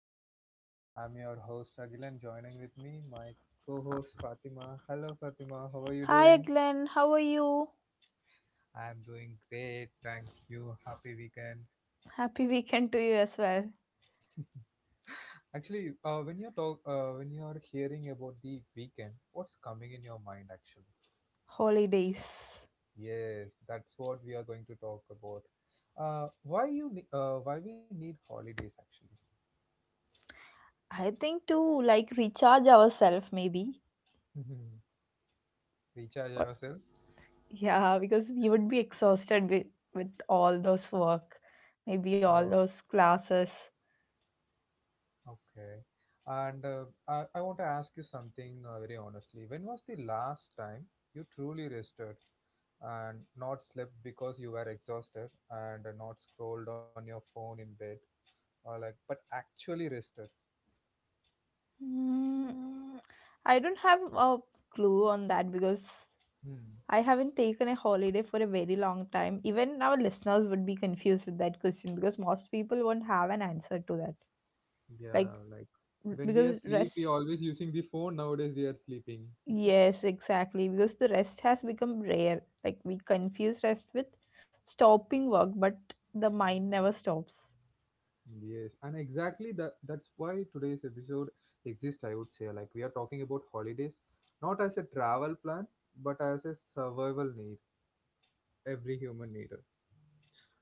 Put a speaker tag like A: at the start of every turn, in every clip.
A: podcast. I'm your host Agil and joining with me my co-host Fatima. Hello Fatima, how are you
B: Hi
A: doing?
B: Glenn, how are you?
A: I'm doing great, thank you. Happy weekend.
B: Happy weekend to you as well.
A: Actually, when you talk, when you are hearing about the weekend, what's coming in your mind actually?
B: Holidays.
A: Yes, that's what we are going to talk about. Why you, why we need holidays actually?
B: I think to like recharge ourselves maybe.
A: Recharge
B: Or,
A: ourselves.
B: yeah, because we would be exhausted with all those work, maybe all those classes.
A: Okay. And I want to ask you something very honestly. When was the last time you truly rested and not slept because you were exhausted and not scrolled on your phone in bed or like, but actually rested?
B: Mm, I don't have a clue on that because
A: Hmm.
B: I haven't taken a holiday for a very long time. Even our listeners would be confused with that question because most people won't have an answer to that. Like
A: Yeah, like when we
B: because
A: are asleep, we
B: rest
A: always using the phone. Nowadays, we are sleeping.
B: Yes, exactly. Because the rest has become rare. Like we confuse rest with stopping work, but the mind never stops.
A: Yes, and exactly that. That's why today's episode exists. I would say, like, we are talking about holidays, not as a travel plan, but as a survival need. Every human needed.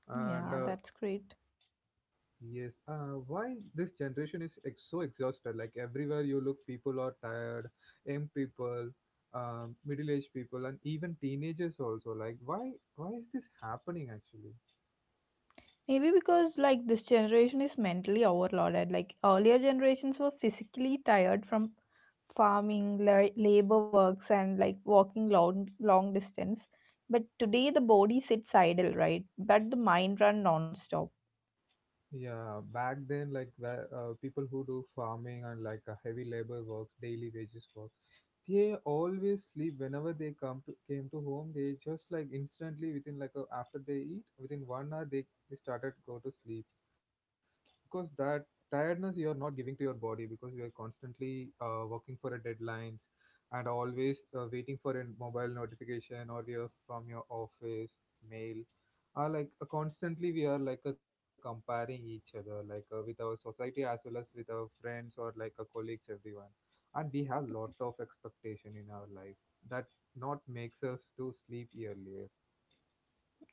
A: And
B: Yeah, that's great.
A: yes, why this generation is so exhausted? Like everywhere you look, people are tired, young people, middle-aged people, and even teenagers also. Like why? Why is this happening actually?
B: Maybe because like this generation is mentally overloaded. Like earlier generations were physically tired from farming, labor works, and like walking long long distance. But today the body sits idle, right? But the mind run nonstop.
A: Yeah, back then, like where people who do farming and like heavy labor works, daily wages work. They always sleep whenever they come to came to home. They just like instantly within like a, after they eat within 1 hour they started go to sleep. Because that tiredness you're not giving to your body because you're constantly working for a deadlines and always waiting for a mobile notification or your from your office mail are like constantly we are like comparing each other like with our society as well as with our friends or like colleagues everyone and we have lot of expectation in our life that not makes us to sleep earlier.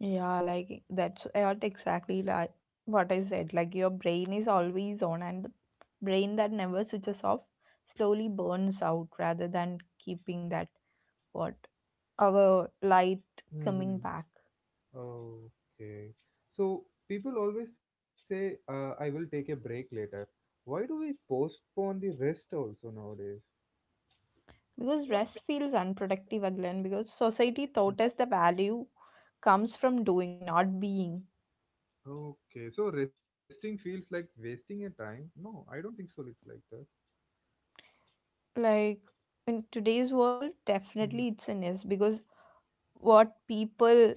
B: Yeah, like that's what exactly like what I said. Like your brain is always on, and the brain that never switches off slowly burns out rather than keeping that what our light coming back.
A: Okay. So people always say, I will take a break later. Why do we postpone the rest also nowadays?
B: Because rest feels unproductive again, because society taught us the value comes from doing, not being.
A: Okay. So resting feels like wasting a time. No, I don't think so. It's like that.
B: Like in today's world,
A: Mhm.
B: definitely it's in yes, because what people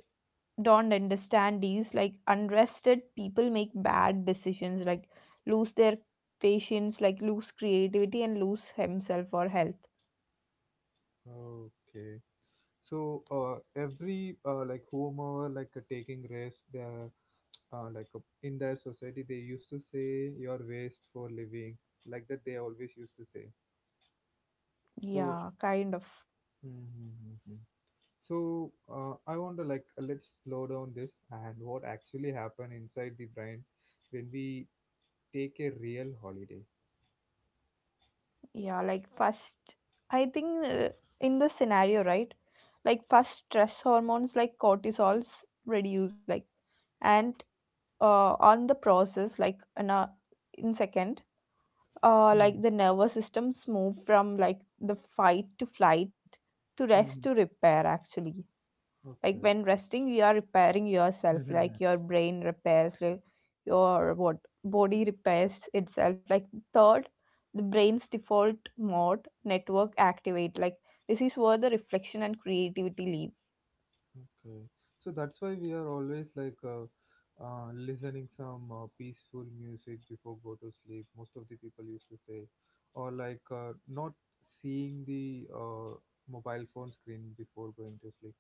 B: don't understand, these like unrested people make bad decisions, like lose their patience, like lose creativity and lose himself or health.
A: Okay. So every like whomever like taking rest, the like in their society they used to say your waste for living like that they always used to say. So
B: Yeah, kind of.
A: yeah. Mhm, mhm, mhm. So I want to like, let's slow down this and what actually happen inside the brain when we take a real holiday.
B: Yeah, like first I think, in the scenario, right? Like first, stress hormones like cortisols reduce, like, and on the process like in a, in second, like
A: Mm,
B: the nervous systems move from like the fight to flight to rest
A: mm,
B: to repair, actually. Like
A: okay,
B: when resting you are repairing yourself,
A: mm,
B: like your brain repairs, like your what body repairs itself. Like third, the brain's default mode network activate, like this is where the reflection and creativity live.
A: okay. So that's why we are always like listening some peaceful music before go to sleep. Most of the people used to say, or like not seeing the mobile phone screen before going to sleep.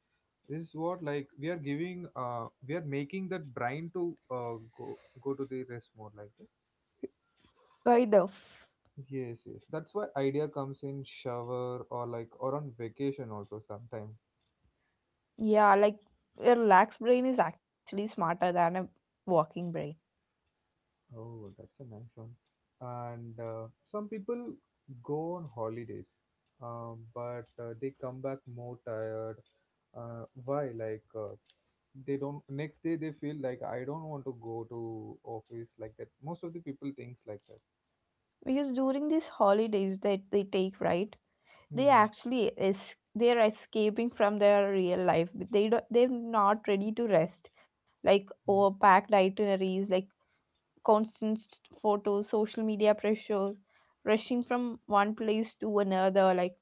A: This is what like we are giving we are making that brain to go to the rest mode like that.
B: Kind of.
A: Yes, yes, that's why idea comes in shower or like or on vacation also sometime.
B: Yeah, like a relaxed brain is actually smarter than a working brain.
A: Oh, that's a nice one. And some people go on holidays, but they come back more tired. Why like they don't next day they feel like I don't want to go to office like that most of the people thinks like that.
B: Because during these holidays that they take, right, they
A: Hmm.
B: actually is, they're escaping from their real life, but they don't, they're not ready to rest. Like overpacked itineraries, like constant photos, social media pressure, rushing from one place to another, like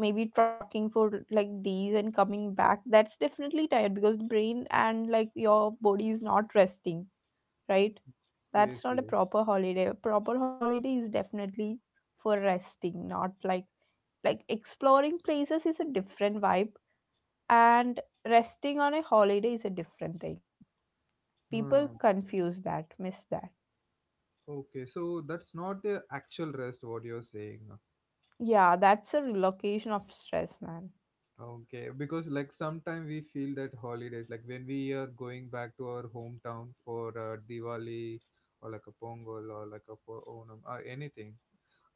B: maybe trucking for like days and coming back, that's definitely tired because the brain and like your body is not resting, right?
A: Yes,
B: That's not a
A: yes.
B: proper holiday. A proper holiday is definitely for resting, not like exploring places is a different vibe, and resting on a holiday is a different thing. People
A: Hmm.
B: confuse that, miss that.
A: Okay, so that's not the actual rest, what you're saying.
B: Yeah, that's a relocation of stress, man.
A: Okay, because like sometimes we feel that holidays, like when we are going back to our hometown for Diwali or like a Pongal or like a for Onam or anything,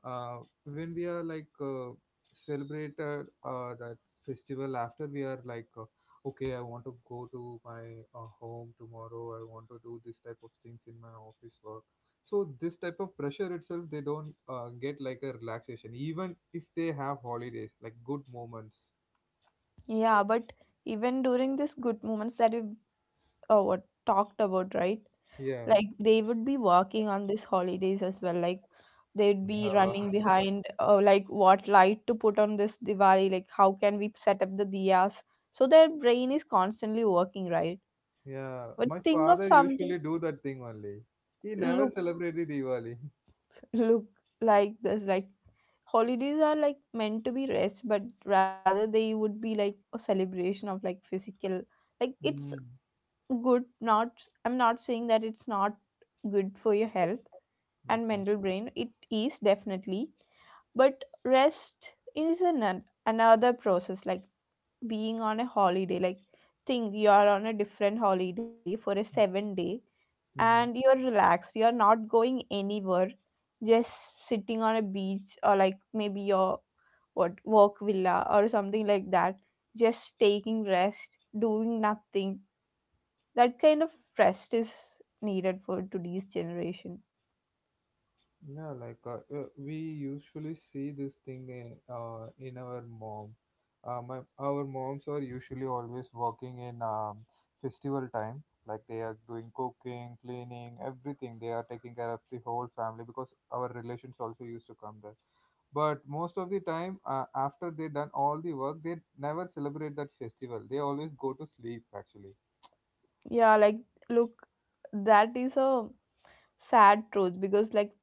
A: uh, when we are like celebrated that festival after we are like okay I want to go to my home tomorrow I want to do this type of things in my office work. So this type of pressure itself they don't get like a relaxation even if they have holidays like good moments.
B: Yeah, but even during these good moments that we what talked about, right?
A: Yeah.
B: Like they would be working on these holidays as well, like they'd be
A: Uh,
B: running behind, like what light to put on this Diwali, like how can we set up the diyas. So their brain is constantly working, right?
A: yeah.
B: But
A: My
B: think of
A: father
B: something.
A: usually do that thing only. He never
B: look
A: celebrated Diwali.
B: look like this, like holidays are like meant to be rest, but rather they would be like a celebration of like physical, like it's
A: Mm.
B: good. Not, I'm not saying that it's not good for your health and
A: Okay.
B: mental brain, it is definitely. But rest is another process. Like being on a holiday, like think you are on a different holiday for a 7 day and
A: Hmm.
B: you're relaxed, you're not going anywhere, just sitting on a beach or like maybe your what work villa or something like that, just taking rest, doing nothing. That kind of rest is needed for today's generation.
A: Yeah, like we usually see this thing in our mom. Our moms are usually always working in festival time. Like they are doing cooking, cleaning, everything. They are taking care of the whole family because our relations also used to come there. But most of the time after they done all the work they never celebrate that festival they always go to sleep actually.
B: Yeah, like look, that is a sad truth, because like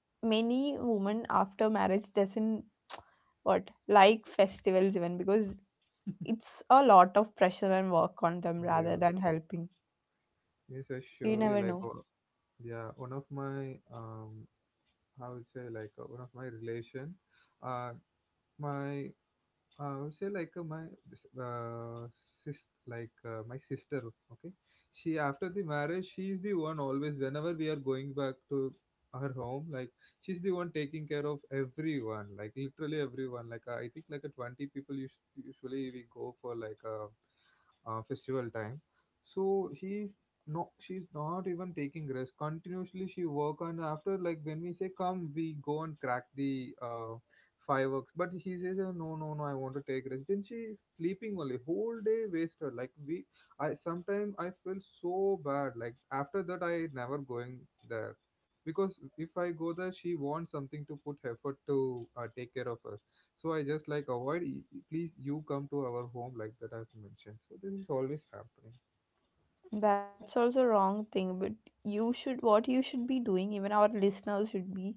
B: many women after marriage doesn't what like festivals even, because it's a lot of pressure and work on them rather
A: Yeah,
B: than helping.
A: yes, I
B: You never
A: surely
B: know.
A: like. O- Yeah, one of my I would say like one of my relation, uh, my I would say like my uh, sis like my sister. Okay, she after the marriage, she's the one always whenever we are going back to her home, like she's the one taking care of everyone, like literally everyone. Like I think like a 20 people usually we go for like a, festival time. So she's no, she's not even taking rest. Continuously she work and after like when we say come, we go and crack the fireworks. But he says, "Oh, no, no, no, I want to take rest." Then she's sleeping only whole day wasted. Like we, I sometimes I feel so bad. Like after that, I never going there because if I go there, she wants something to put effort to take care of us. So I just like avoid. Y- Please, you come to our home like that I've mentioned. So this is always happening.
B: That's also wrong thing, but you should, what you should be doing, even our listeners should be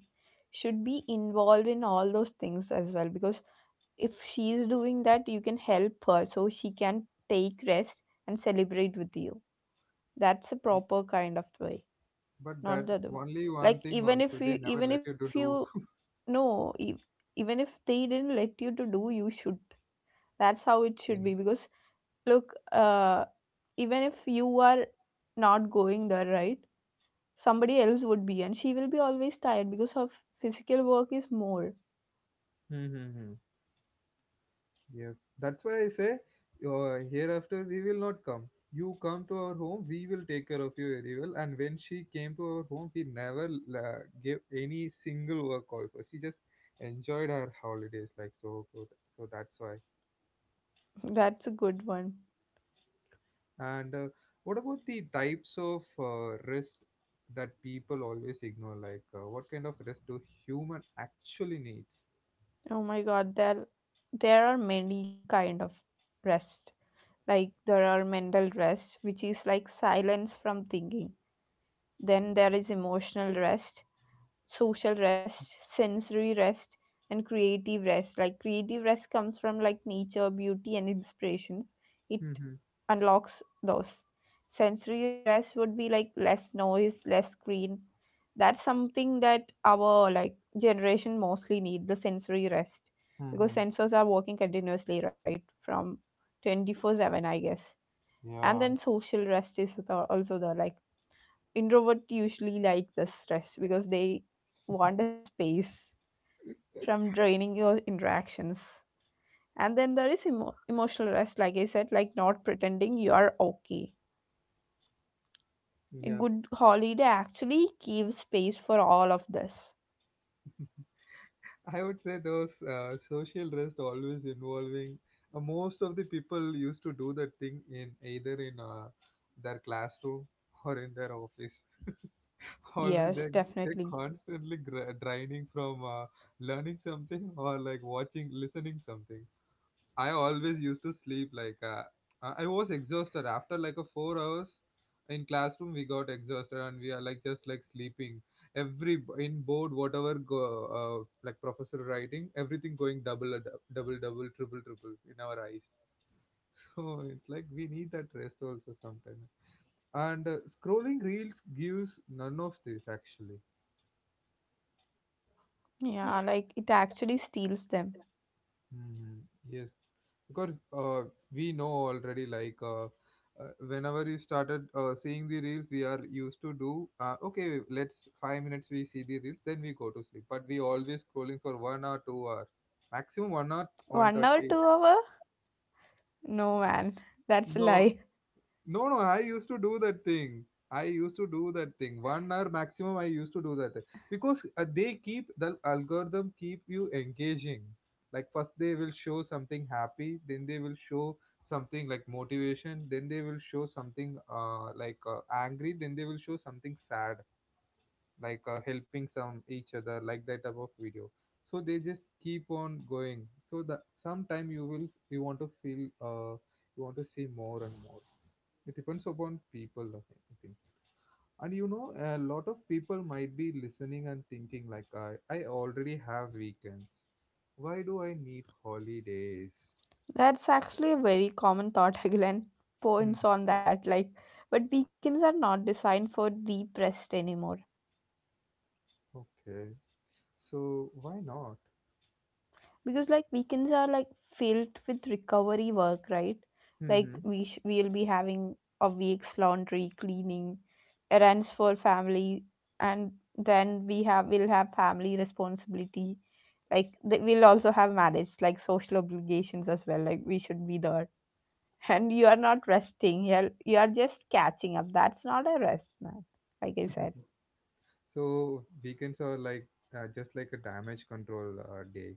B: should be involved in all those things as well, because if she is doing that you can help her so she can take rest and celebrate with you. That's a proper kind of way,
A: But
B: not
A: that
B: the other one.
A: only one
B: Like,
A: thing
B: even
A: also
B: if
A: they
B: you
A: never
B: even
A: let
B: if
A: you to
B: you
A: do.
B: no, even if they didn't let you to do, you should. That's how it should
A: Thing.
B: be. Because look, even if you are not going there, right? Somebody else would be, and she will be always tired because her physical work is more.
A: Hmm, hmm, hmm. Yes, that's why I say, hereafter we will not come. You come to our home, we will take care of you very well. And when she came to our home, we never gave any single work also. She just enjoyed her holidays like so good. So that's why.
B: That's a good one.
A: And what about the types of rest that people always ignore? Like, what kind of rest do human actually needs?
B: Oh my God, there are many kind of rest. Like there are mental rest, which is like silence from thinking. Then there is emotional rest, social rest, sensory rest, and creative rest. Like creative rest comes from like nature, beauty, and inspirations. It
A: Mm-hmm.
B: unlocks those. Sensory rest would be like less noise, less screen. That's something that our like generation mostly need, the sensory rest, because
A: Mm-hmm.
B: sensors are working continuously, right? From 24/7, I guess. And
A: Yeah.
B: then social rest is the, also the like introvert usually like the stress, because they want a space from draining your interactions. And then there is emotional rest, like I said, like not pretending you are okay. A
A: Yeah.
B: good holiday actually gives space for all of this.
A: I would say those social rest always involving most of the people used to do that thing in either in their classroom or in their office. Always
B: Yes,
A: they're
B: definitely.
A: constantly draining from learning something or like watching listening something. I always used to sleep like I was exhausted after like a 4 hours in classroom. We got exhausted and we are like just like sleeping. Every in board whatever go, like professor writing everything going double double triple triple in our eyes. So it's like we need that rest also sometimes. And scrolling reels gives none of this actually.
B: Yeah, like it actually steals them.
A: Hmm. Yes, because uh, we know already like whenever you started seeing the reels we are used to do okay let's 5 minutes we see the reels then we go to sleep but we always scrolling for 1 or 2 hours maximum one or one
B: 1 hour,
A: thirty
B: 2 hour, no man, that's a
A: No,
B: lie.
A: no, no, I used to do that thing. I used to do that thing. 1 hour maximum, I used to do that thing. Because they keep, the algorithm keep you engaging. Like first they will show something happy, then they will show something like motivation, then they will show something like angry, then they will show something sad, like helping some each other, like that type of video. So they just keep on going. So that sometime you will, you want to feel, you want to see more and more. It depends upon people, okay, I think. And you know, a lot of people might be listening and thinking like I already have weekends. Why do I need holidays?
B: That's actually a very common thought. Again,
A: Hmm.
B: points on that. Like, but weekends are not designed for deep rest anymore.
A: Okay. So why not?
B: Because like, weekends are like filled with recovery work, right? Like, we'll be having a week's laundry, cleaning, errands for family, and then we'll have family responsibility. Like, we'll also have marriage, like social obligations as well. Like, we should be there, and you are not resting, you are just catching up. That's not a rest, man, like I said.
A: So weekends are like just like a damage control day.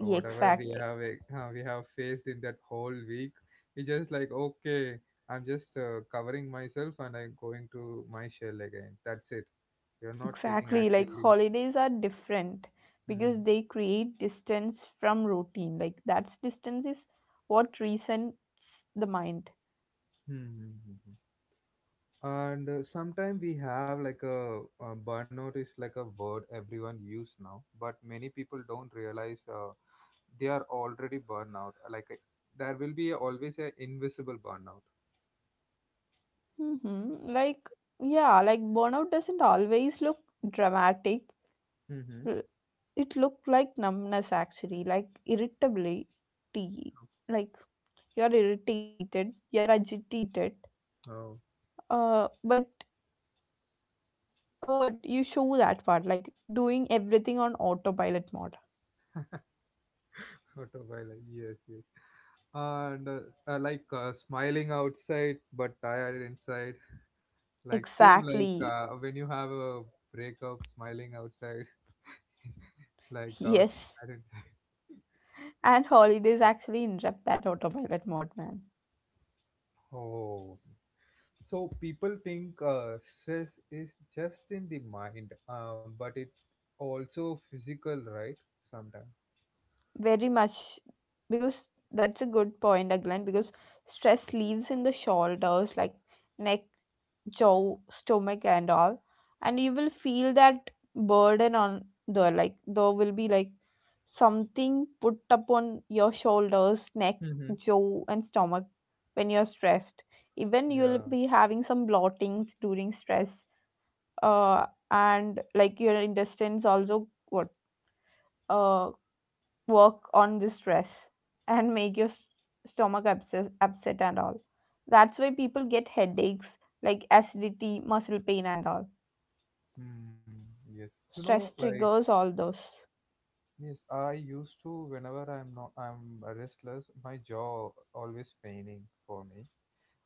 A: Whatever yes, we
B: exactly
A: have we have faced in that whole week, we just like okay, I'm just covering myself and I'm going to my shell again. That's it. You're not taking
B: exactly like
A: actually.
B: holidays are different, because
A: Mhm.
B: they create distance from routine, like that's distance is what resets the mind.
A: Mhm. And sometimes we have like a, burnout is like a word everyone use now but many people don't realize they are already burnout like there will be always a invisible burnout.
B: Mm-hmm. Like, yeah, like burnout doesn't always look dramatic.
A: Mm-hmm.
B: L- it looked like numbness actually, like irritability, like you're irritated, you're agitated.
A: Oh,
B: But what you show that part, like doing everything on autopilot mode.
A: autopilot. Yes, yes. And like smiling outside but tired inside. Like same like
B: Exactly.
A: when you have a breakup, smiling outside like
B: Yes.
A: sad inside.
B: And holidays actually interrupt that autopilot mode, man.
A: Oh. So people think stress is just in the mind, but it also physical, right? Sometimes.
B: Very much, because that's a good point, again, because stress leaves in the shoulders, like neck, jaw, stomach, and all. And you will feel that burden on the, like, there will be like something put upon your shoulders, neck,
A: Mm-hmm.
B: jaw, and stomach when you're stressed. Even you'll
A: Yeah.
B: be having some blottings during stress. And like your intestines also what uh work on this stress and make your stomach, upset and all. That's why people get headaches, like acidity, muscle pain, and all.
A: Hmm. Yes.
B: Stress
A: Like
B: triggers all those.
A: yes, I used to whenever I'm not I'm restless, my jaw always paining for me,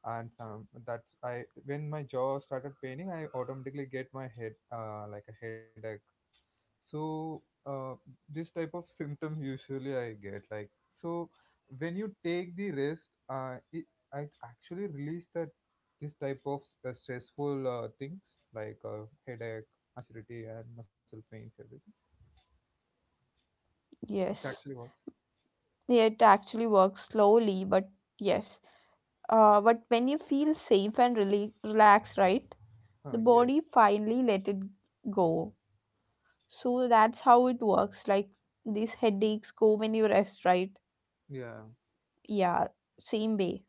A: and some that's I when my jaw started paining, I automatically get my head like a headache. So this type of symptom usually I get like. So when you take the rest, it actually release that this type of stressful things like headache, acidity, and muscle pains everything. It's actually
B: Yes.
A: work.
B: It actually works slowly, but yes. But when you feel safe and really relaxed, right?
A: Huh,
B: The body
A: yes,
B: finally let it go. So that's how it works. Like these headaches go when you rest, right?
A: yeah.
B: Yeah, same way.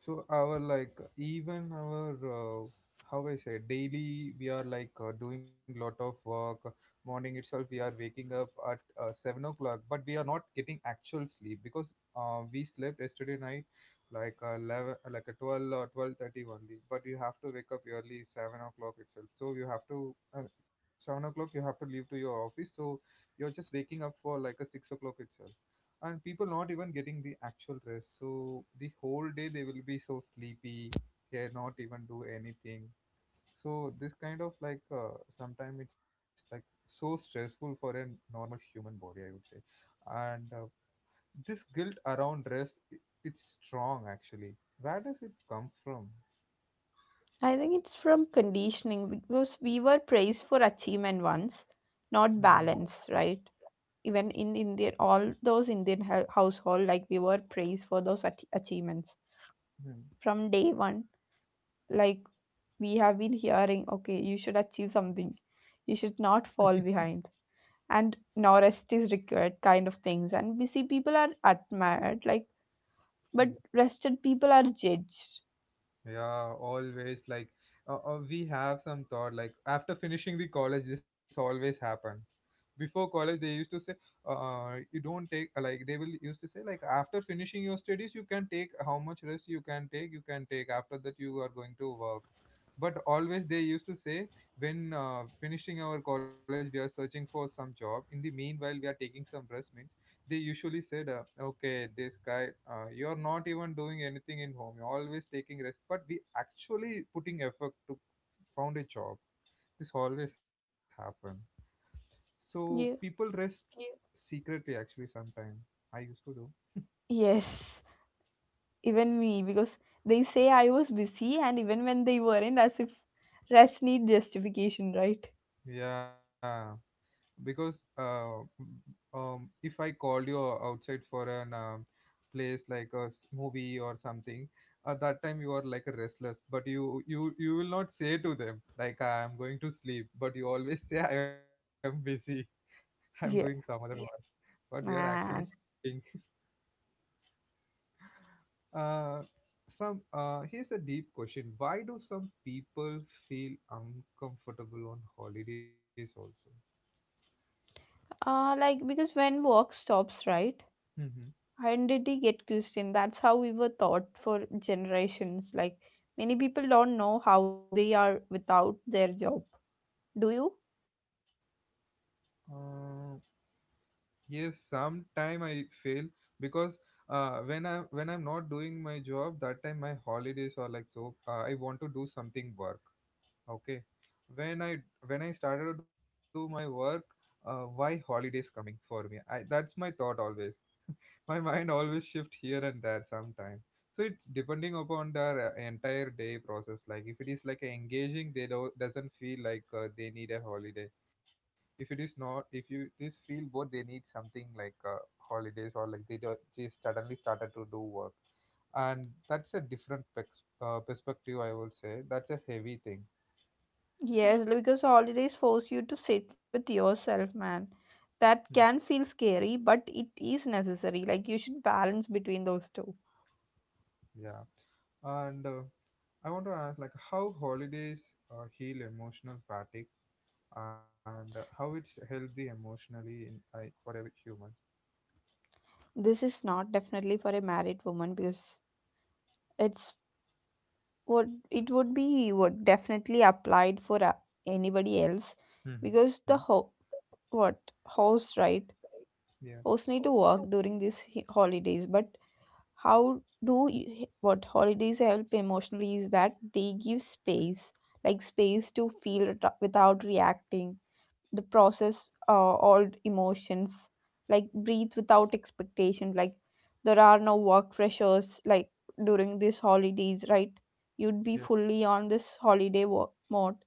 A: So our, like, even our uh, how I say, daily we are like doing lot of work. Morning itself we are waking up at 7 o'clock, but we are not getting actual sleep because we slept yesterday night like 11, like a 12 or 12:30 only, but you have to wake up early 7 o'clock itself, so you have to 7 o'clock you have to leave to your office. So you're just waking up for like a 6 o'clock itself, and people not even getting the actual rest, so the whole day they will be so sleepy, they not even do anything. So this kind of like sometimes it's like so stressful for a normal human body, I would say. And this guilt around rest, it's strong actually. Where does it come from?
B: I think it's from conditioning, because we were praised for achievement once,
A: Hmm, hmm,
B: not balance, right? Even in Indian, all those Indian household, like we were praised for those achievements.
A: hmm,
B: From day one, like we have been hearing, okay, you should achieve something, you should not fall behind, and now rest is required kind of things, and busy people are admired, like, but
A: hmm.
B: rested people are judged.
A: Yeah, always like we have some thought like after finishing the college, this always happen. Before college, they used to say, you don't take like they will used to say, like after finishing your studies, you can take how much rest you can take, you can take, after that you are going to work. But always they used to say when finishing our college, we are searching for some job. In the meanwhile, we are taking some rest means they usually said, okay, this guy, you're not even doing anything in home. You're always taking rest. But we actually putting effort to found a job. This always happen. So people
B: Yeah.
A: rest secretly actually sometime. I used to do.
B: Yes, even me, because they say I was busy, and even when they weren't, as if rest need justification, right?
A: Yeah. Because if I called you outside for an place like a movie or something, at that time you are like a restless, but you will not say to them like I am going to sleep, but you always say I am busy, I'm doing some other
B: Yeah,
A: work, but we are actually
B: man.
A: sleeping. Uh, some here's a deep question: why do some people feel uncomfortable on holidays also?
B: Like, because when work stops, right,
A: Mm-hmm.
B: identity get questioned. That's how we were taught for generations. Like many people don't know how they are without their job. Do you?
A: Yes, sometime I fail because when I'm not doing my job, that time my holidays are like so. I want to do something work. Okay, when I started to do my work, why holidays coming for me? I, that's my thought always, my mind always shift here and there sometime. So it's depending upon their entire day process. Like if it is like engaging, they don't doesn't feel like they need a holiday. If it is not, if you just feel bored, they need something like holidays, or like they do, just suddenly started to do work. And that's a different pex perspective, I would say. That's a heavy thing.
B: Yes, because holidays force you to sit with yourself, man. That
A: Hmm.
B: can feel scary, but it is necessary. Like you should balance between those two.
A: Yeah. And I want to ask, like, how holidays heal emotional fatigue, and how it's healthy emotionally in I for every human.
B: This is not definitely for a married woman, because it's what it would be, what definitely applied for anybody else,
A: Mm-hmm.
B: because the what host, right,
A: Yeah,
B: force me to work during these holidays. But how do you, what holidays help emotionally is that they give space, like space to feel it without reacting, the process, all emotions, like breathe without expectation, like there are no work pressures like during these holidays, right? You'd be
A: yeah,
B: fully on this holiday work mode,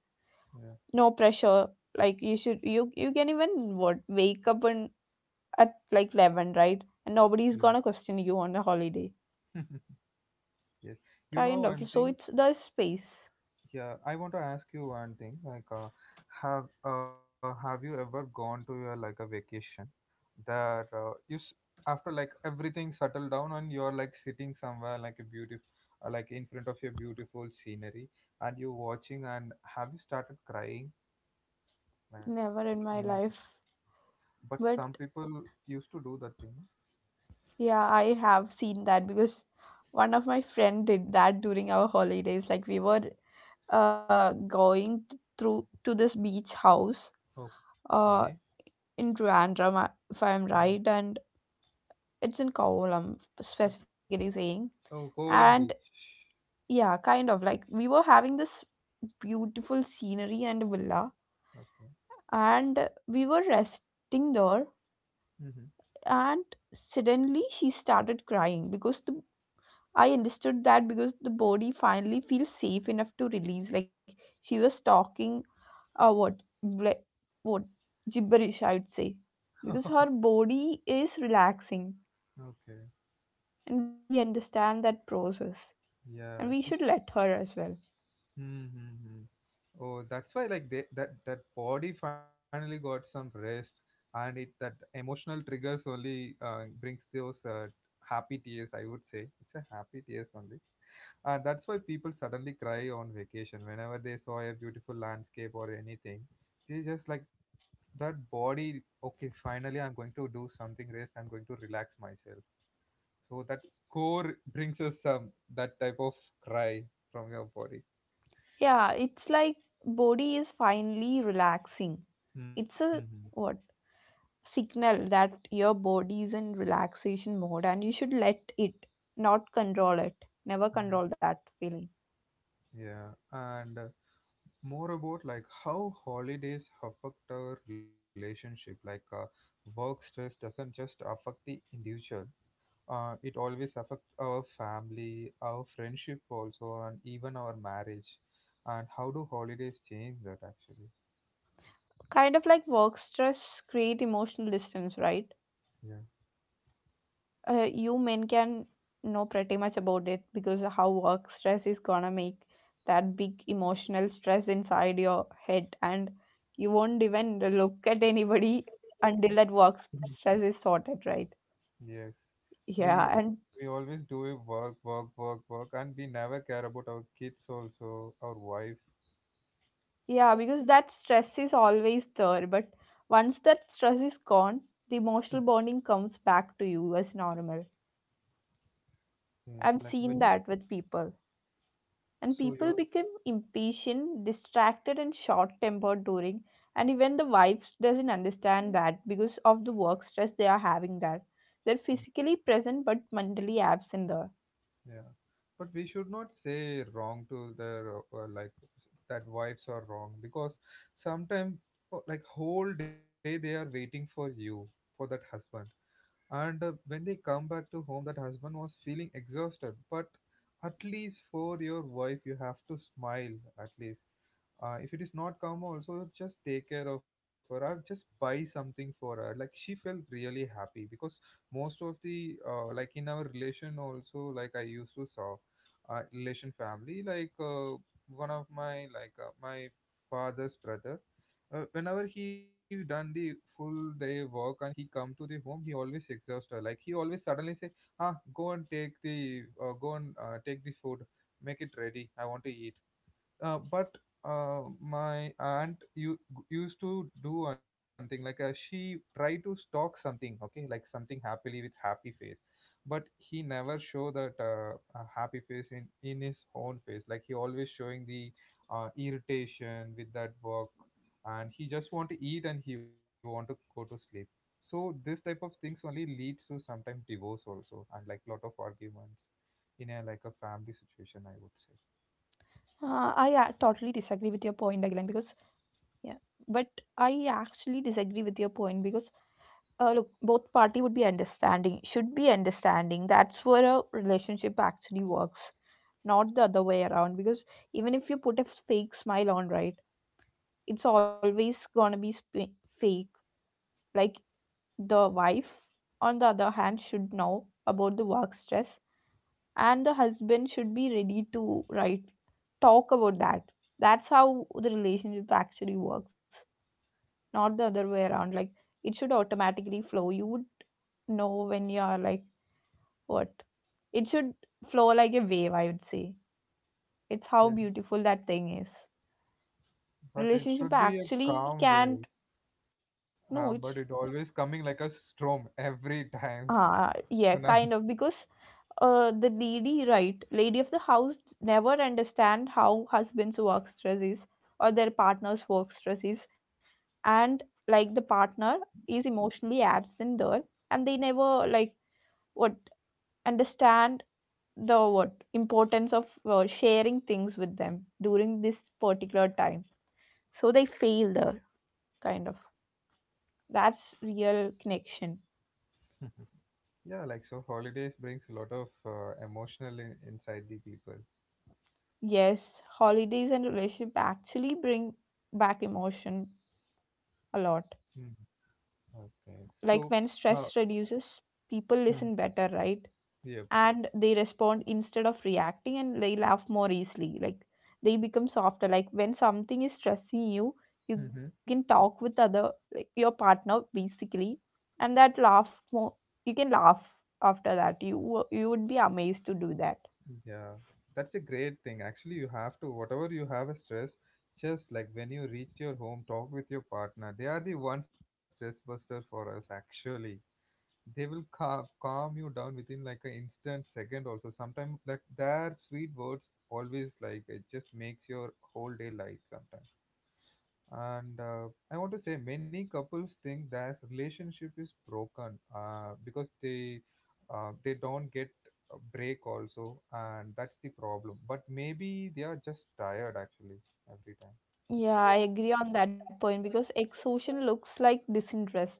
A: yeah,
B: no pressure. Like you should, you can even what wake up and at like 11, right? And nobody's
A: yeah.
B: gonna question you on a holiday.
A: Yes. You know
B: Kind of.
A: one
B: So
A: thing.
B: it's the space.
A: Yeah, I want to ask you one thing. Like, have you ever gone to your, like, a vacation that you after like everything settled down and you're like sitting somewhere like a beautiful, like in front of your beautiful scenery, and you're watching, and have you started crying like
B: Never
A: anything?
B: in my life.
A: But some
B: But
A: people used to do that thing, no?
B: yeah, I have seen that, because one of my friend did that during our holidays. Like we were going through to this beach house
A: Okay.
B: uh in Trivandrum, if I'm
A: Mhm.
B: right, and it's in Kovalam specifically saying.
A: Oh,
B: And
A: Kovalam Beach.
B: yeah, kind of like we were having this beautiful scenery and a villa,
A: Okay.
B: and we were resting there,
A: Hmm.
B: and suddenly she started crying because the I understood that because the body finally feels safe enough to release, like, she was talking what ble- what gibberish, I would say, because her body is relaxing,
A: Okay.
B: and we understand that process, and
A: Yeah,
B: we
A: she's.
B: should let her as well.
A: Mm-hmm. Oh, that's why like they, that that body finally got some rest, and it that emotional triggers only brings those happy tears. I would say it's a happy tears only, and that's why people suddenly cry on vacation whenever they saw a beautiful landscape or anything. They just like that body. Okay, finally I'm going to do something rest. I'm going to relax myself. So that core brings us some that type of cry from your body.
B: Yeah, it's like body is finally relaxing. It's
A: Mm-hmm.
B: a what signal that your body is in relaxation mode, and you should let it, not control it. Never control that feeling.
A: Yeah. And more about like how holidays affect our relationship. Like, work stress doesn't just affect the individual. It always affects our family, our friendship also, and even our marriage. And how do holidays change that actually?
B: Kind of like work stress create emotional distance, right?
A: Yeah.
B: You men can know pretty much about it because how work stress is gonna make that big emotional stress inside your head, and you won't even look at anybody until that work stress is sorted, right?
A: Yes,
B: Yeah.
A: we
B: And
A: we always do a work, work, work, work, and we never care about our kids also, our wife.
B: yeah, because that stress is always there, but once that stress is gone, the emotional bonding comes back to you as normal.
A: Yes,
B: I've
A: like
B: seen
A: when you
B: that with people. And
A: so
B: people
A: you're
B: become impatient, distracted, and short tempered during. And even the wives doesn't understand that because of the work stress they are having that. They're physically present but mentally absent there.
A: yeah, but we should not say wrong to the like that wives are wrong, because sometimes like whole day they are waiting for you for that husband, and when they come back to home, that husband was feeling exhausted, but at least for your wife you have to smile, at least. If it is not calm, also just take care of her or just buy something for her. Like she felt really happy because most of the like in our relation also, like I used to saw relation family like one of my like my father's brother. Whenever he done the full day work and he come to the home, he always exhaust her. Like he always suddenly say, "Ah, go and take the go and take the food, make it ready. I want to eat." But my aunt you used to do one thing, like she tried to stalk something, okay, like something happily with happy face, but he never show that happy face in his own face. Like he always showing the irritation with that work, and he just want to eat and he want to go to sleep. So this type of things only leads to sometimes divorce also and like lot of arguments in a like a
B: I
A: family
B: totally
A: situation, I would
B: disagree
A: say.
B: with your point, again, because yeah, but I actually disagree with your point because look, both party would be understanding, should be understanding. That's where a relationship actually works, not the other way around. Because even if you put a fake smile on, right, it's always gonna be fake. Like the wife, on the other hand, should know about the work stress, and the husband should be ready to, right, talk about that. That's how the relationship actually works, not the other way around. Like, it should automatically flow. You would know when you are like, what it should flow like a wave, I would say. It's how beautiful that thing is.
A: But it
B: Relationship
A: should be a
B: actually
A: calm
B: can't.
A: wave. But
B: No,
A: it
B: it's
A: always coming like a storm every time. So
B: yeah,
A: now,
B: kind of. Because the lady, right, lady of the house, never understand how husbands work stress is, or their partner's work stress is, and like the partner is emotionally absent there, and they never, like, what understand the what importance of sharing things with them during this particular time, so they feel the kind of, that's real connection.
A: yeah, like so, holidays brings a lot of emotional inside the people.
B: Yes, holidays and relationship actually bring back emotion a lot.
A: Mm, okay, so,
B: Like, when
A: uh,
B: stress reduces, people
A: mm,
B: listen better, right?
A: yeah,
B: And they respond instead of reacting, and they laugh more easily. Like, they become softer. Like, when something is stressing you, you can
A: hmm,
B: talk with other, like, your partner, basically, and that laugh more. You can laugh. After that, you would be amazed to do that.
A: yeah, that's a great thing. Actually, you have to whatever you have a stress, just like when you reach your home, talk with your partner. They are the one stress buster for us, actually. They will calm you down within like an instant second also sometimes. Like their sweet words always, like it just makes your whole day light sometimes. And I want to say many couples think their relationship is broken because they don't get a break also, and that's the problem, but maybe they are just tired actually every time.
B: Yeah, I agree on that point because exhaustion looks like disinterest.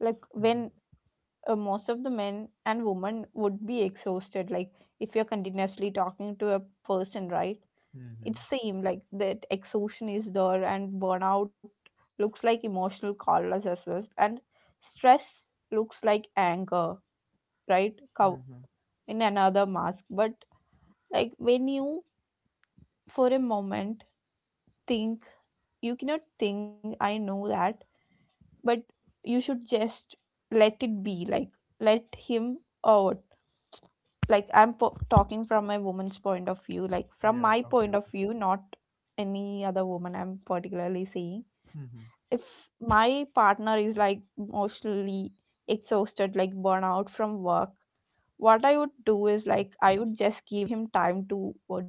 B: Like,
A: Mm-hmm.
B: when most of the men and women would be exhausted, like, if you're continuously talking to a person, right?
A: Mm-hmm.
B: It seemed like that exhaustion is there, and burnout looks like emotional collapse as well. And stress looks like anger, right?
A: Mm-hmm.
B: Cow in another mask. But, like, when you for a moment think, you cannot think, I know that, but you should just let it be, like, let him out. Like, talking from a woman's point of view, like,
A: Yeah,
B: from
A: okay,
B: my
A: okay.
B: point of view, not any other woman, I'm particularly saying.
A: Mm-hmm.
B: If my partner is like emotionally exhausted, like burnout from work, what I would do is, like, I would just give him time to uh,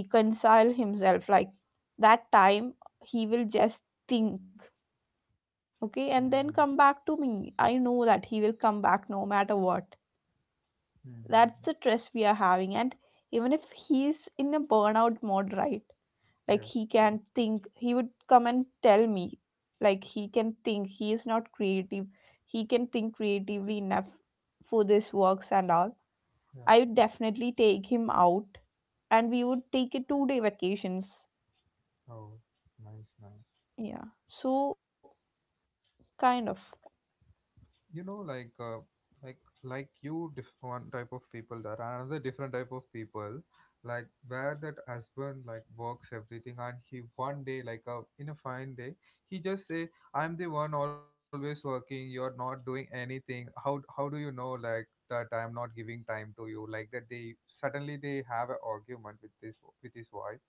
B: reconcile himself. Like, that time he will just think, okay, and
A: Mm-hmm.
B: then come back to me. I know that he will come back no matter what. That's
A: Mm-hmm.
B: the stress we are having, and even if he's in a burnout mode, right, like,
A: Yeah,
B: he can think, he would come and tell me. Like, he can think he is not creative, he can think creatively enough for this works and all.
A: yeah.
B: I would definitely take him out, and we would take a 2-day vacations.
A: Oh, nice, nice.
B: Yeah, so kind of.
A: Like, like, like you, one type of people there, and another different type of people, like where that husband like works everything, and he one day, like, in a fine day, he just say, "I'm the one always working. You're not doing anything. How do you know like that I'm not giving time to you?" Like that they suddenly they have an argument with this with his wife,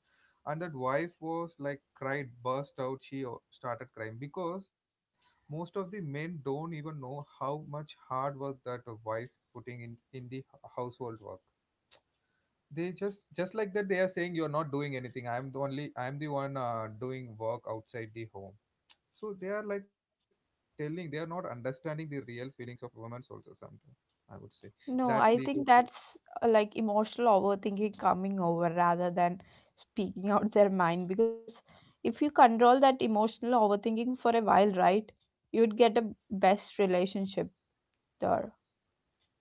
A: and that wife was like cried burst out, she started crying because most of the men don't even know how much hard work that a wife putting in the household work. They just like that they are saying you're not doing anything. I'm the one doing work outside the home, so they are like telling, they are not understanding the real feelings of women also sometimes, I would say
B: No,
A: that's
B: I
A: lead to.
B: think that's like, emotional overthinking coming over rather than speaking out their mind, because if you control that emotional overthinking for a while, right, you'd get a best relationship there.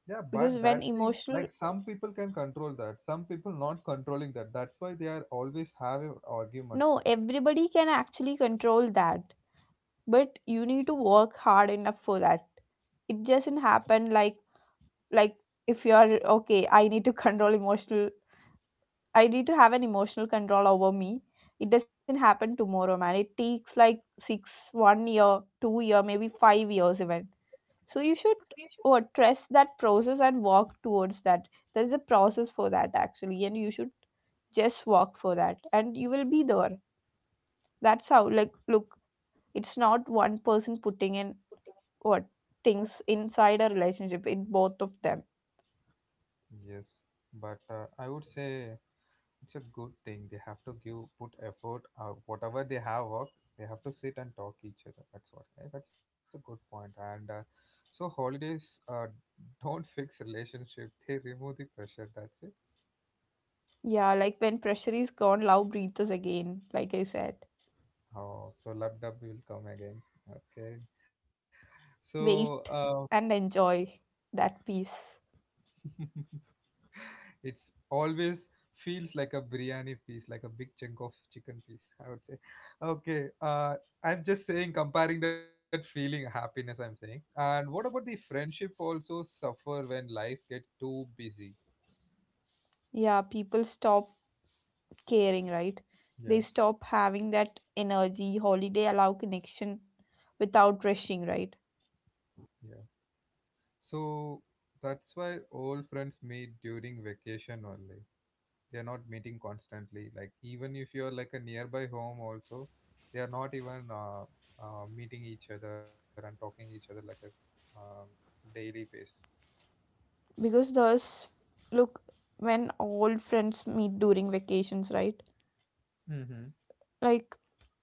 A: Yeah,
B: Because
A: but
B: when
A: that thing,
B: emotional,
A: like some people can control that. Some people not controlling that. That's why they are always have an argument.
B: no, everybody can actually control that, but you need to work hard enough for that. It doesn't happen like, like if you are okay, I need to control emotional, I need to have an emotional control over me. It doesn't happen tomorrow, man. It takes like six one year, 2 year, maybe 5 years even. So you should what trust that process and work towards that. There's a process for that actually, and you should just work for that, and you will be there. That's how, like, look, it's not one person putting in what things inside a relationship, in both of them.
A: Yes, but I would say it's a good thing. They have to give put effort. Whatever they have worked, they have to sit and talk each other. That's what. That's a good point. And so holidays don't fix relationship. They remove the pressure. That's it.
B: Yeah, like when pressure is gone, love breathes again, like I said.
A: Oh, so love will come again. Okay. So,
B: Wait and enjoy that peace.
A: it's always feels like a biryani piece, like a big chunk of chicken piece, I would say. Okay, I'm just saying, comparing that feeling happiness, I'm saying. And what about the friendship also suffer when life gets too busy?
B: Yeah, people stop caring, right?
A: Yeah,
B: They stop having that energy. Holiday allow connection without rushing, right?
A: yeah. So that's why all friends meet during vacation only. They're not meeting constantly. Like, even if you're like a nearby home also, they are not even meeting each other and talking each other like a um, daily basis.
B: Because thus look, when all friends meet during vacations, right,
A: Mm-hmm.
B: like,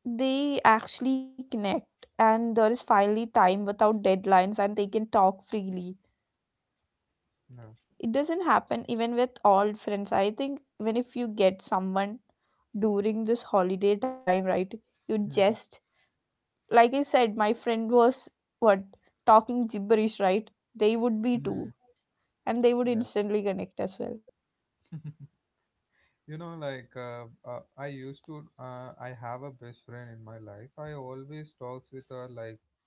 B: they actually connect and there is finally time without deadlines, and they can talk freely.
A: Yeah.
B: It doesn't happen even with old friends, I think. Even if you get someone during this holiday time, right, you just, like, I said my friend was what talking gibberish, right, they would be
A: Mm-hmm.
B: too, and they
A: Yeah.
B: would instantly connect as well.
A: I have a best friend in my life. I always talks with her like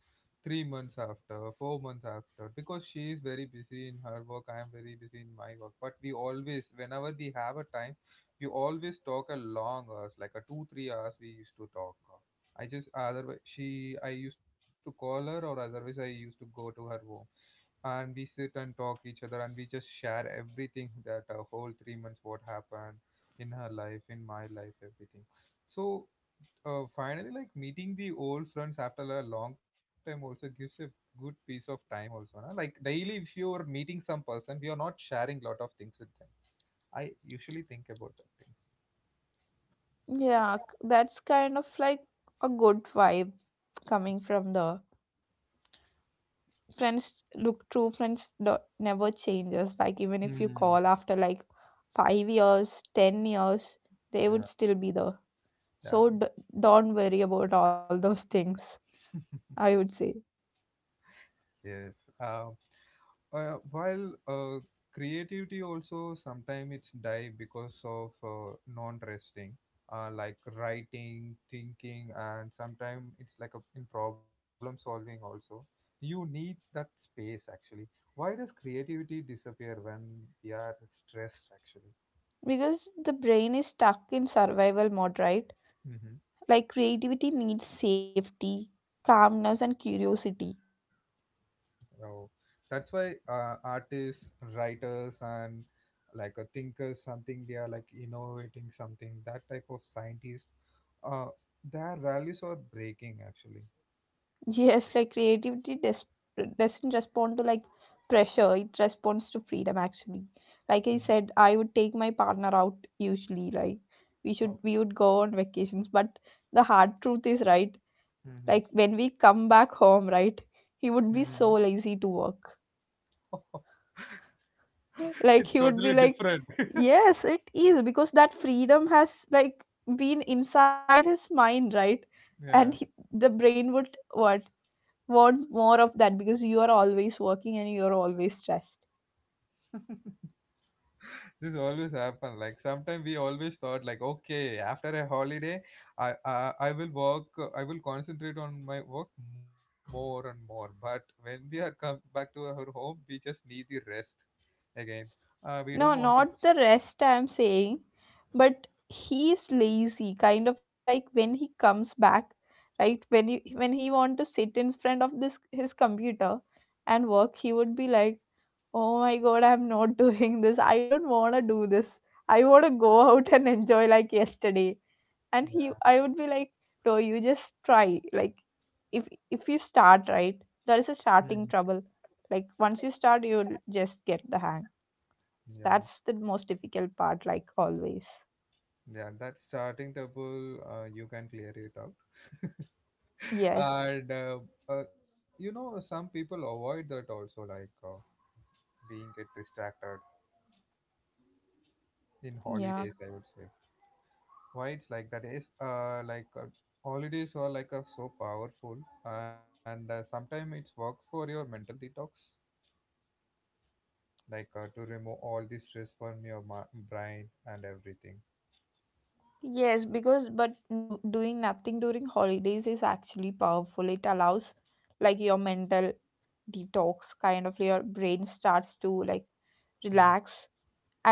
A: 3 months after, 4 months after, because she is very busy in her work. I am very busy in my work. But we always, whenever we have a time, we always talk a long hours, like a two, 3 hours. We used to talk. I just otherwise she, I used to call her, or otherwise I used to go to her home and we sit and talk each other and we just share everything that whole 3 months what happened in her life in my life everything so finally like meeting the old friends after a long time also gives a good piece of time also na? Like daily if you're meeting some person we are not sharing lot of things with them. I usually think about that thing.
B: Yeah, that's kind of like a good vibe coming from there. Friends, look, true friends never changes. Like, even if you
A: Hmm.
B: call after like 5 years, 10 years, they
A: Yeah,
B: would still be there.
A: yeah,
B: So don't worry about all those things, I would say.
A: yes. um while creativity also sometimes it's die because of non-resting, like writing thinking and sometimes it's like a, in problem solving also, you need that space actually. Why does creativity disappear when we are stressed actually?
B: Because the brain is stuck in survival mode, right? Like, creativity needs safety, calmness, and curiosity.
A: So that's why artists, writers, and like a thinker, something they are like innovating something. That type of scientist, uh, their values are breaking actually.
B: Yes, like creativity doesn't respond to, like, pressure. It responds to freedom actually. Like I
A: Mm.
B: said, I would take my partner out usually, like,
A: Okay.
B: we would go on vacations, but the hard truth is, right, like,
A: Hmm.
B: when we come back home, right, he
A: Hmm.
B: would be so lazy to work.
A: It's
B: Like, he
A: totally
B: would be like.
A: different.
B: Yes, it is because that freedom has, like, been inside his mind, right?
A: Yeah.
B: And he, the brain would what want more of that because you are always working and you are always stressed.
A: This always happen like sometimes we always thought like okay after a holiday I will work, I will concentrate on my work more and more, but when we are come back to our home we just need the rest again. We don't
B: No,
A: want to.
B: not the rest I'm saying, but he is lazy, kind of, like when he comes back, right? When he want to sit in front of this his computer and work, he would be like, oh my god, I'm not doing this. I don't wanna do this. I wanna go out and enjoy like yesterday. And he
A: Yeah.
B: I would be like, no, you just try. Like if if you start, right, there is a
A: Mhm.
B: starting trouble. Like, once you start, you'll just get the hang.
A: Yeah,
B: That's the most difficult part, like, always.
A: yeah, that starting trouble you can clear it out.
B: Yes.
A: And you know some people avoid that also like being get distracted in
B: Yeah.
A: holidays I would say. Why it's like that is like holidays are like so powerful, and sometimes it works for your mental detox, like to remove all the stress from your brain and everything.
B: Yes, because but no, doing nothing during holidays is actually powerful. It allows, like, your mental detox, kind of. Your brain starts to, like,
A: Mm,
B: relax,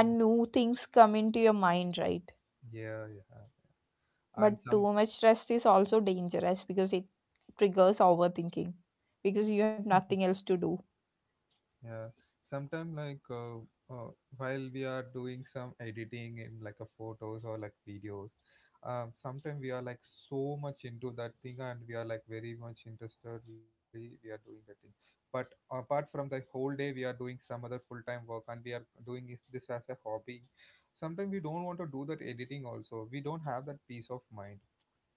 A: mm.
B: new things come into your mind, right?
A: Yeah, yeah, and
B: But
A: some.
B: too much rest is also dangerous because it triggers overthinking because you have nothing else to do.
A: Yeah, sometime like uh, while we are doing some editing in like a photos or like videos, sometimes we are like so much into that thing and we are like very much interestedly we are doing that thing. But apart from the whole day, we are doing some other full-time work and we are doing this as a hobby. Sometimes we don't want to do that editing also. We don't have that peace of mind.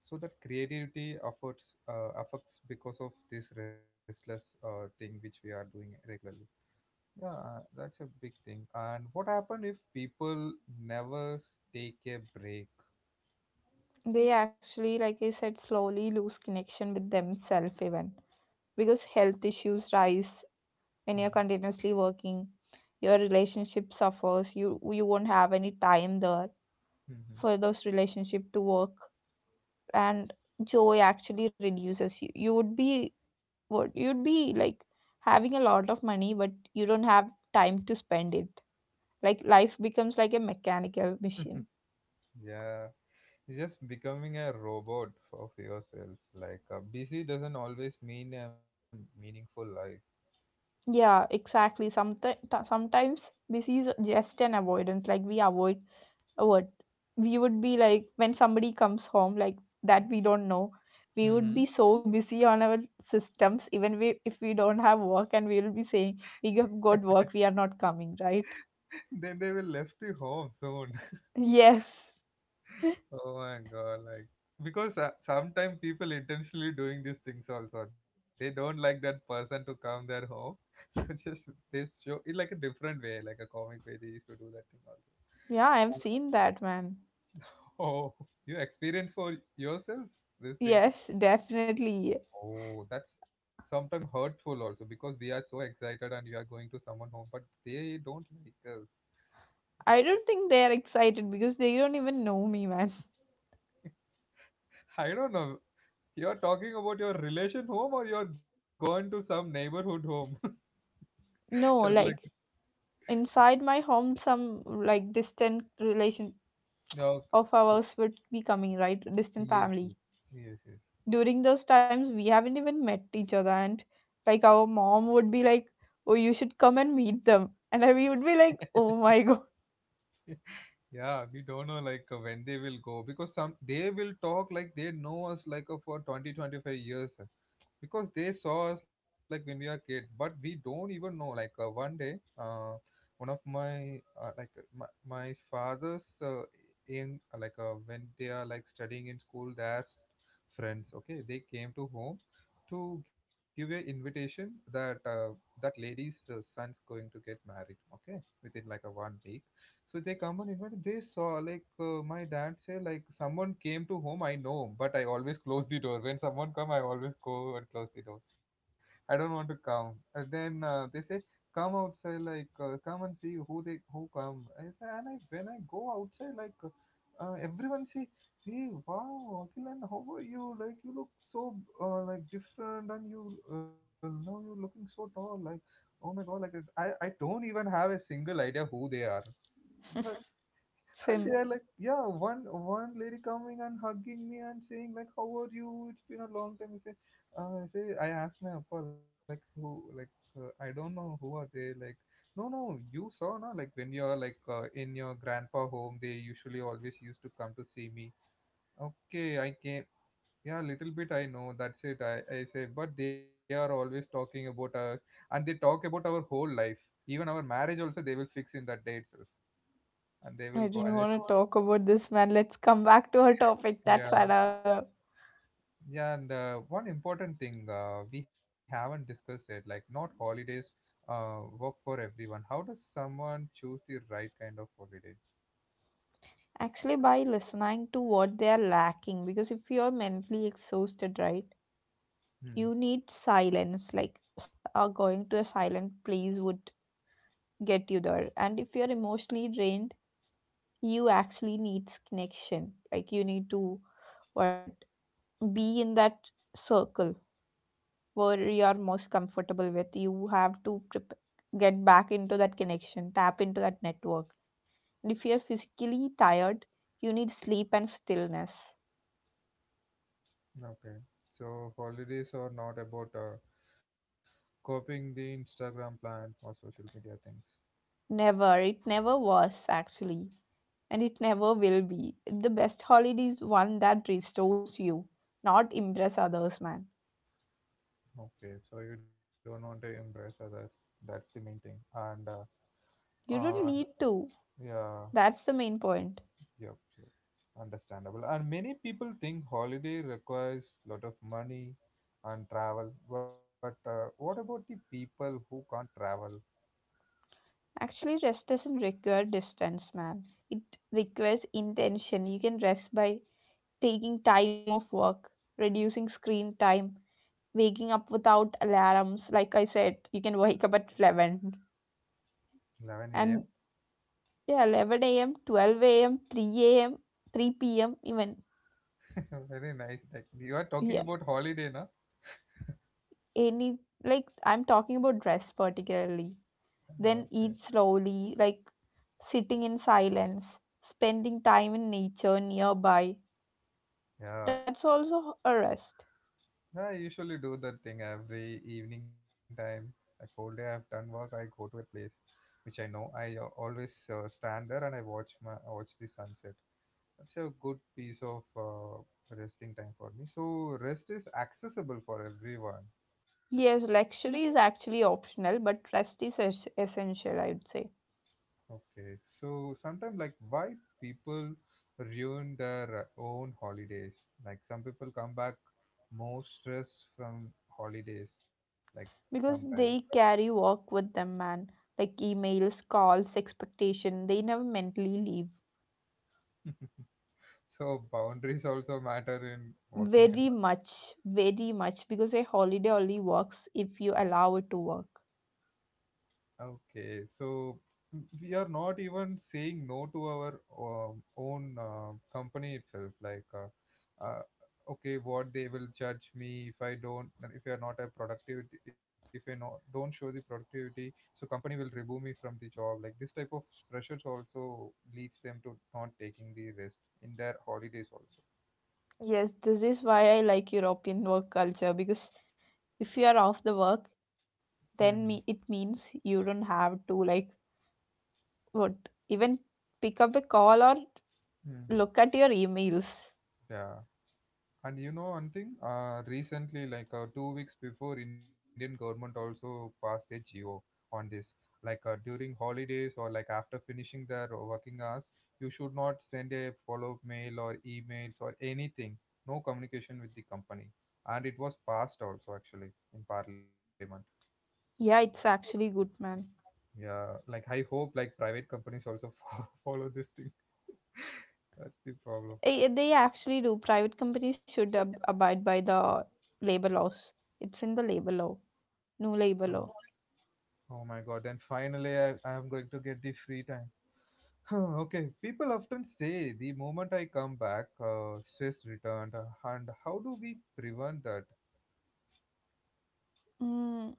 A: So that creativity efforts affects because of this restless thing which we are doing regularly. Yeah, that's a big thing. And what happened if people never take a break?
B: They actually, like I said, slowly lose connection with themselves, even because health issues rise
A: Mhm.
B: when you're continuously working. Your relationship suffers. You won't have any time there
A: Mhm.
B: for those relationship to work, and joy actually reduces. You'd be like having a lot of money, but you don't have time to spend it. Like, life becomes like a mechanical machine.
A: Yeah, it's just becoming a robot of yourself. Like busy doesn't always mean a meaningful life.
B: Yeah, exactly. Sometimes busy is just an avoidance. Like, we avoid what we would be like when somebody comes home, like that we don't know, we would
A: Hmm.
B: be so busy on our systems, even if we don't have work, and we will be saying we have got work, we are not coming, right?
A: Then they will left you home soon.
B: Yes.
A: Oh my god! Like because sometimes people intentionally doing these things also. They don't like that person to come their home. So just they show it like a different way, like a comic way. They used to do that thing also.
B: Yeah, I've seen that, man.
A: Oh, you experience for yourself these things.
B: Yes, definitely.
A: Oh, that's sometimes hurtful also because we are so excited and we are going to someone home, but they don't like us.
B: I don't think they are excited because they don't even know me, man.
A: I don't know. You're talking about your relation home or you're gone to some neighborhood home. Just
B: No,
A: like,
B: like inside my home, some, like, distant relation
A: no.
B: of ours would be coming, right, distant
A: Yes, yes,
B: family.
A: yes, yes.
B: During those times, we haven't even met each other, and, like, our mom would be like, oh, you should come and meet them. And we would be like, oh my god.
A: Yeah, we don't know like when they will go because some they will talk like they know us like for 20 25 years, because they saw us like when we are kid but we don't even know like one day, one of my my father's in like when they are like studying in school their friends, okay, they came to home to give an invitation that that lady's son's going to get married, okay, within like a 1 week. So they come and invited. They saw like my dad say like someone came to home. I know, but I always close the door. When someone come, I always go and close the door. I don't want to come. And then they say come outside like come and see who they who come. I say, and I when I go outside like everyone say hey wow Akilan how are you like you look so like different and you now you're looking so tall like oh my god like I don't even have a single idea who they are. And
B: Sim.
A: they're like, yeah, one lady coming and hugging me and saying like, how are you? It's been a long time. I say, I asked my appa like who like I don't know who are they like. No, no, you saw na like when you're like in your grandpa home, they usually always used to come to see me. Okay, I came. Yeah, little bit I know. That's it. I say, but they are always talking about us, and they talk about our whole life, even our marriage also. They will fix in that day itself, and they
B: I
A: will go
B: don't
A: and. I say,
B: want to talk about this, man. Let's come back to our topic.
A: yeah.
B: That's another.
A: Yeah, and one important thing we haven't discussed it, like not holidays work for everyone. How does someone choose the right kind of holiday?
B: Actually, by listening to what they are lacking. Because if you are mentally exhausted, right,
A: Hmm.
B: you need silence, like, going to a silent place would get you there. And if you're emotionally drained, you actually need connection. Like, you need to what be in that circle where you're most comfortable with. You have to get back into that connection, tap into that network. And if you're physically tired, you need sleep and stillness.
A: Okay. So holidays are not about copying the Instagram plan or social media things.
B: Never, it never was actually, and it never will be. The best holiday is one that restores you, not impress others, man.
A: Okay. So you don't want to impress others. That's the main thing.
B: You don't
A: And
B: need to.
A: yeah.
B: That's the main point.
A: Yep, yep. Understandable. And many people think holiday requires lot of money and travel. But what about the people who can't travel?
B: Actually, rest doesn't require distance, man. It requires intention. You can rest by taking time off work, reducing screen time, waking up without alarms. Like I said, you can wake up at 11.
A: 11 a.m.
B: And yeah, 11 a.m., 12 a.m., 3 a.m., 3 p.m., even.
A: Very nice. Like, you are talking
B: Yeah,
A: about holiday, na?
B: any. Like, I'm talking about rest particularly. Then
A: Okay.
B: eat slowly, like sitting in silence, spending time in nature nearby.
A: Yeah.
B: That's also a rest.
A: Yeah, I usually do that thing every evening time. Like whole day I've done work, I go to a place which I know. I always stand there and I watch the sunset. It's a good piece of resting time for me. So rest is accessible for everyone.
B: Yes, luxury is actually optional, but rest is essential, I would say.
A: Okay. So sometimes like why people ruin their own holidays. Like some people come back more stressed from holidays. Like sometimes.
B: Because they carry work with them, man. Like emails, calls, expectation. They never mentally leave.
A: So boundaries also matter in working.
B: Very much, very much. Because a holiday only works if you allow it to work.
A: Okay, so we are not even saying no to our own company itself. Like, okay, what they will judge me if I don't, if I are not a productivity, if I not, don't show the productivity, so company will remove me from the job. Like this type of pressures also leads them to not taking the rest in their holidays also.
B: Yes, this is why I like European work culture. Because if you are off the work,
A: Mm-hmm.
B: then it means you don't have to, like, what, even pick up a call or look at your emails.
A: Yeah. And you know one thing, recently, like 2 weeks before, Indian government also passed a GO on this. Like during holidays or like after finishing their working hours, you should not send a follow-up mail or emails or anything. No communication with the company, and it was passed also actually in Parliament.
B: Yeah, it's actually good, man.
A: Yeah, like I hope like private companies also follow this thing. That's the problem.
B: They actually do. Private companies should abide by the labor laws. It's in the labor law, new
A: Oh,
B: labor law.
A: oh my God! Then finally, I am going to get the free time. Huh, okay, people often say the moment I come back, stress returned, and how do we prevent that?
B: Mm,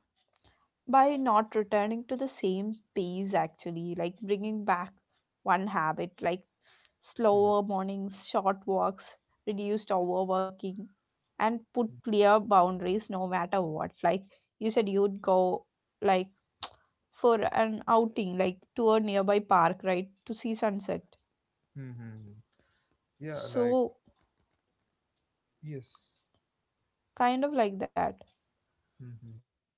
B: by not returning to the same pace, actually, like bringing back one habit, like
A: Hmm.
B: slower mornings, short walks, reduced overworking, and put clear boundaries no matter what. Like, you said, you'd go, like, for an outing, like, to a nearby park, right, to see sunset,
A: Hmm, hmm, hmm. Yeah, like,
B: so
A: yes.
B: kind of like that.
A: Mm-hmm.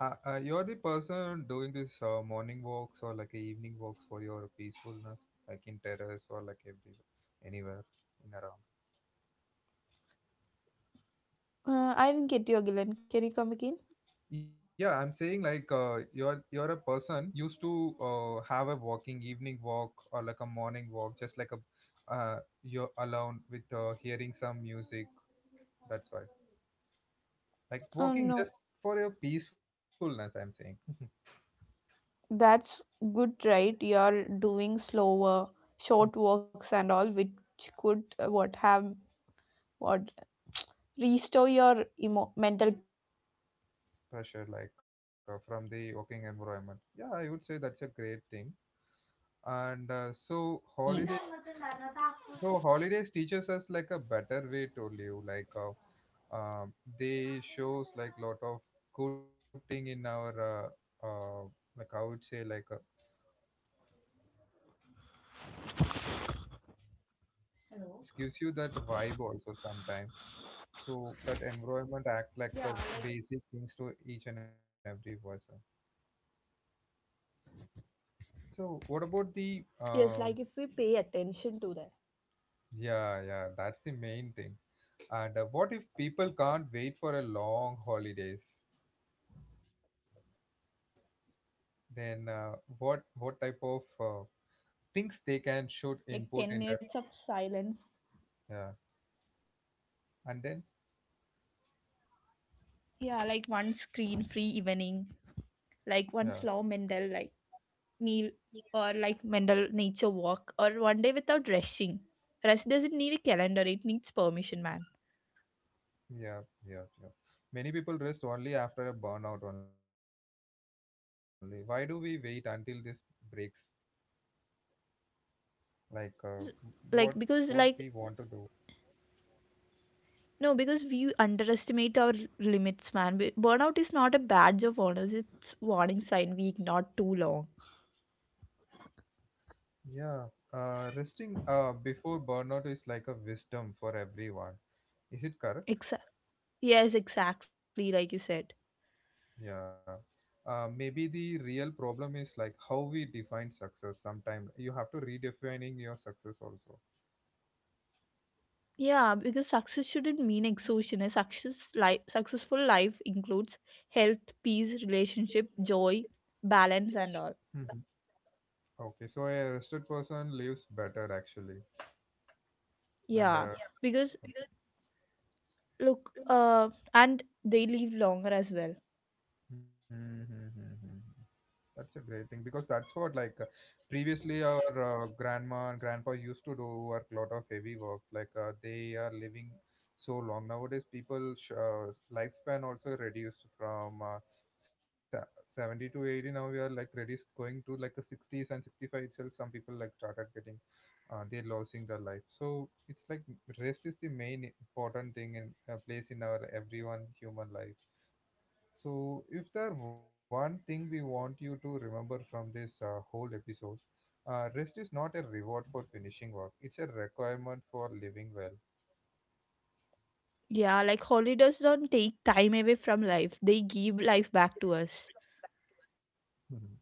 A: You're the person doing this morning walks or like a evening walks for your peacefulness, like in terrace or like everywhere, anywhere in around.
B: I didn't get you again, can you come again?
A: Yeah, I'm saying like you're a person used to have a walking evening walk or like a morning walk, just like a you're alone with hearing some music. That's why, like walking just
B: No,
A: for your peacefulness. I'm saying
B: that's good, right? You're doing slower, short walks and all, which could what have what restore your mental peace.
A: pressure like from the working environment. Yeah, I would say that's a great thing. And so holidays teaches us like a better way to live, like. Um, they shows like lot of good thing in our uh, uh, like I would say like it gives you that vibe also sometimes. So that environment act like a basic things to each and every person.
B: Yes, like if we pay
A: So what
B: attention to
A: about
B: that.
A: the um, yeah yeah that's the main thing. And what if people can't wait for a long holidays,
B: uh,
A: then
B: they should, like,
A: what
B: they
A: type of
B: create mini
A: uh,
B: holidays,
A: things they
B: like
A: can should
B: 10 minutes of
A: input in that.
B: silence.
A: Yeah, and then
B: Yeah, like one screen free evening, like one slow mental,
A: yeah.
B: like, meal, or like mental nature walk, or one day without rushing. Rest doesn't need a calendar, it needs permission, man.
A: Yeah, yeah, yeah. Many people rest only after a burnout only. Why do we wait until this breaks? Like what what we
B: Like
A: want to
B: because
A: do?
B: like No, because we underestimate our limits, man. Burnout is not a badge of honor; it's warning sign we ignore too long.
A: Yeah, resting before burnout is like a wisdom for everyone. Is it correct?
B: Exa- yes, exactly, like you said.
A: Yeah. Maybe the real problem is like how we define success. Sometimes you have to redefining your success also.
B: Yeah, because success shouldn't mean exhaustion. Successful life includes health, peace, relationship, joy, balance, and all.
A: Hmm. Okay, so a rested person lives better actually, and
B: Yeah,
A: yeah.
B: because look, and they live longer as well.
A: Mhm, mhm, mhm. That's a great thing because that's what like previously our grandma and grandpa used to do work lot of heavy work like they are living so long. Nowadays people lifespan also reduced from 70 to 80, now we are like reduced going to like a 60s and 65 itself, some people like started getting they're losing their life. So it's like rest is the main important thing in place in our everyone human life. So, if there one thing we want you to remember from this whole episode, rest is not a reward for finishing work; it's a requirement for living well.
B: Yeah, like holidays don't take time away from life; they give life back to us.
A: Mhm.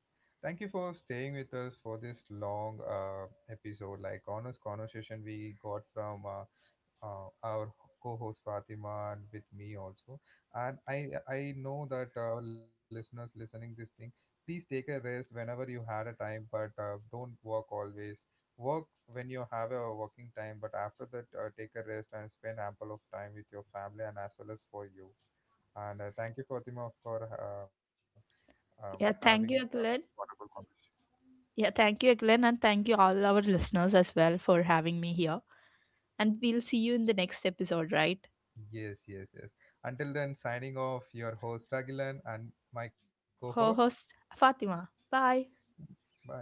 A: Thank you for staying with us for this long episode, like honest conversation we got from our co-host Fatima and with me also. And I know that listeners listening this thing, please take a rest whenever you had a time, but don't work always. Work when you have a working time, but after that, take a rest and spend ample of time with your family and as well as for you. And thank you, Fatima, for having
B: Yeah,
A: a
B: thank you, Akhilan.
A: wonderful conversation.
B: Yeah, thank you, Akhilan, and thank you all our listeners as well for having me here. And we'll see you in the next episode, right?
A: Yes, yes, yes. Until then, signing off, your host Agilan and my co-host.
B: Host Fatima. Bye.
A: Bye.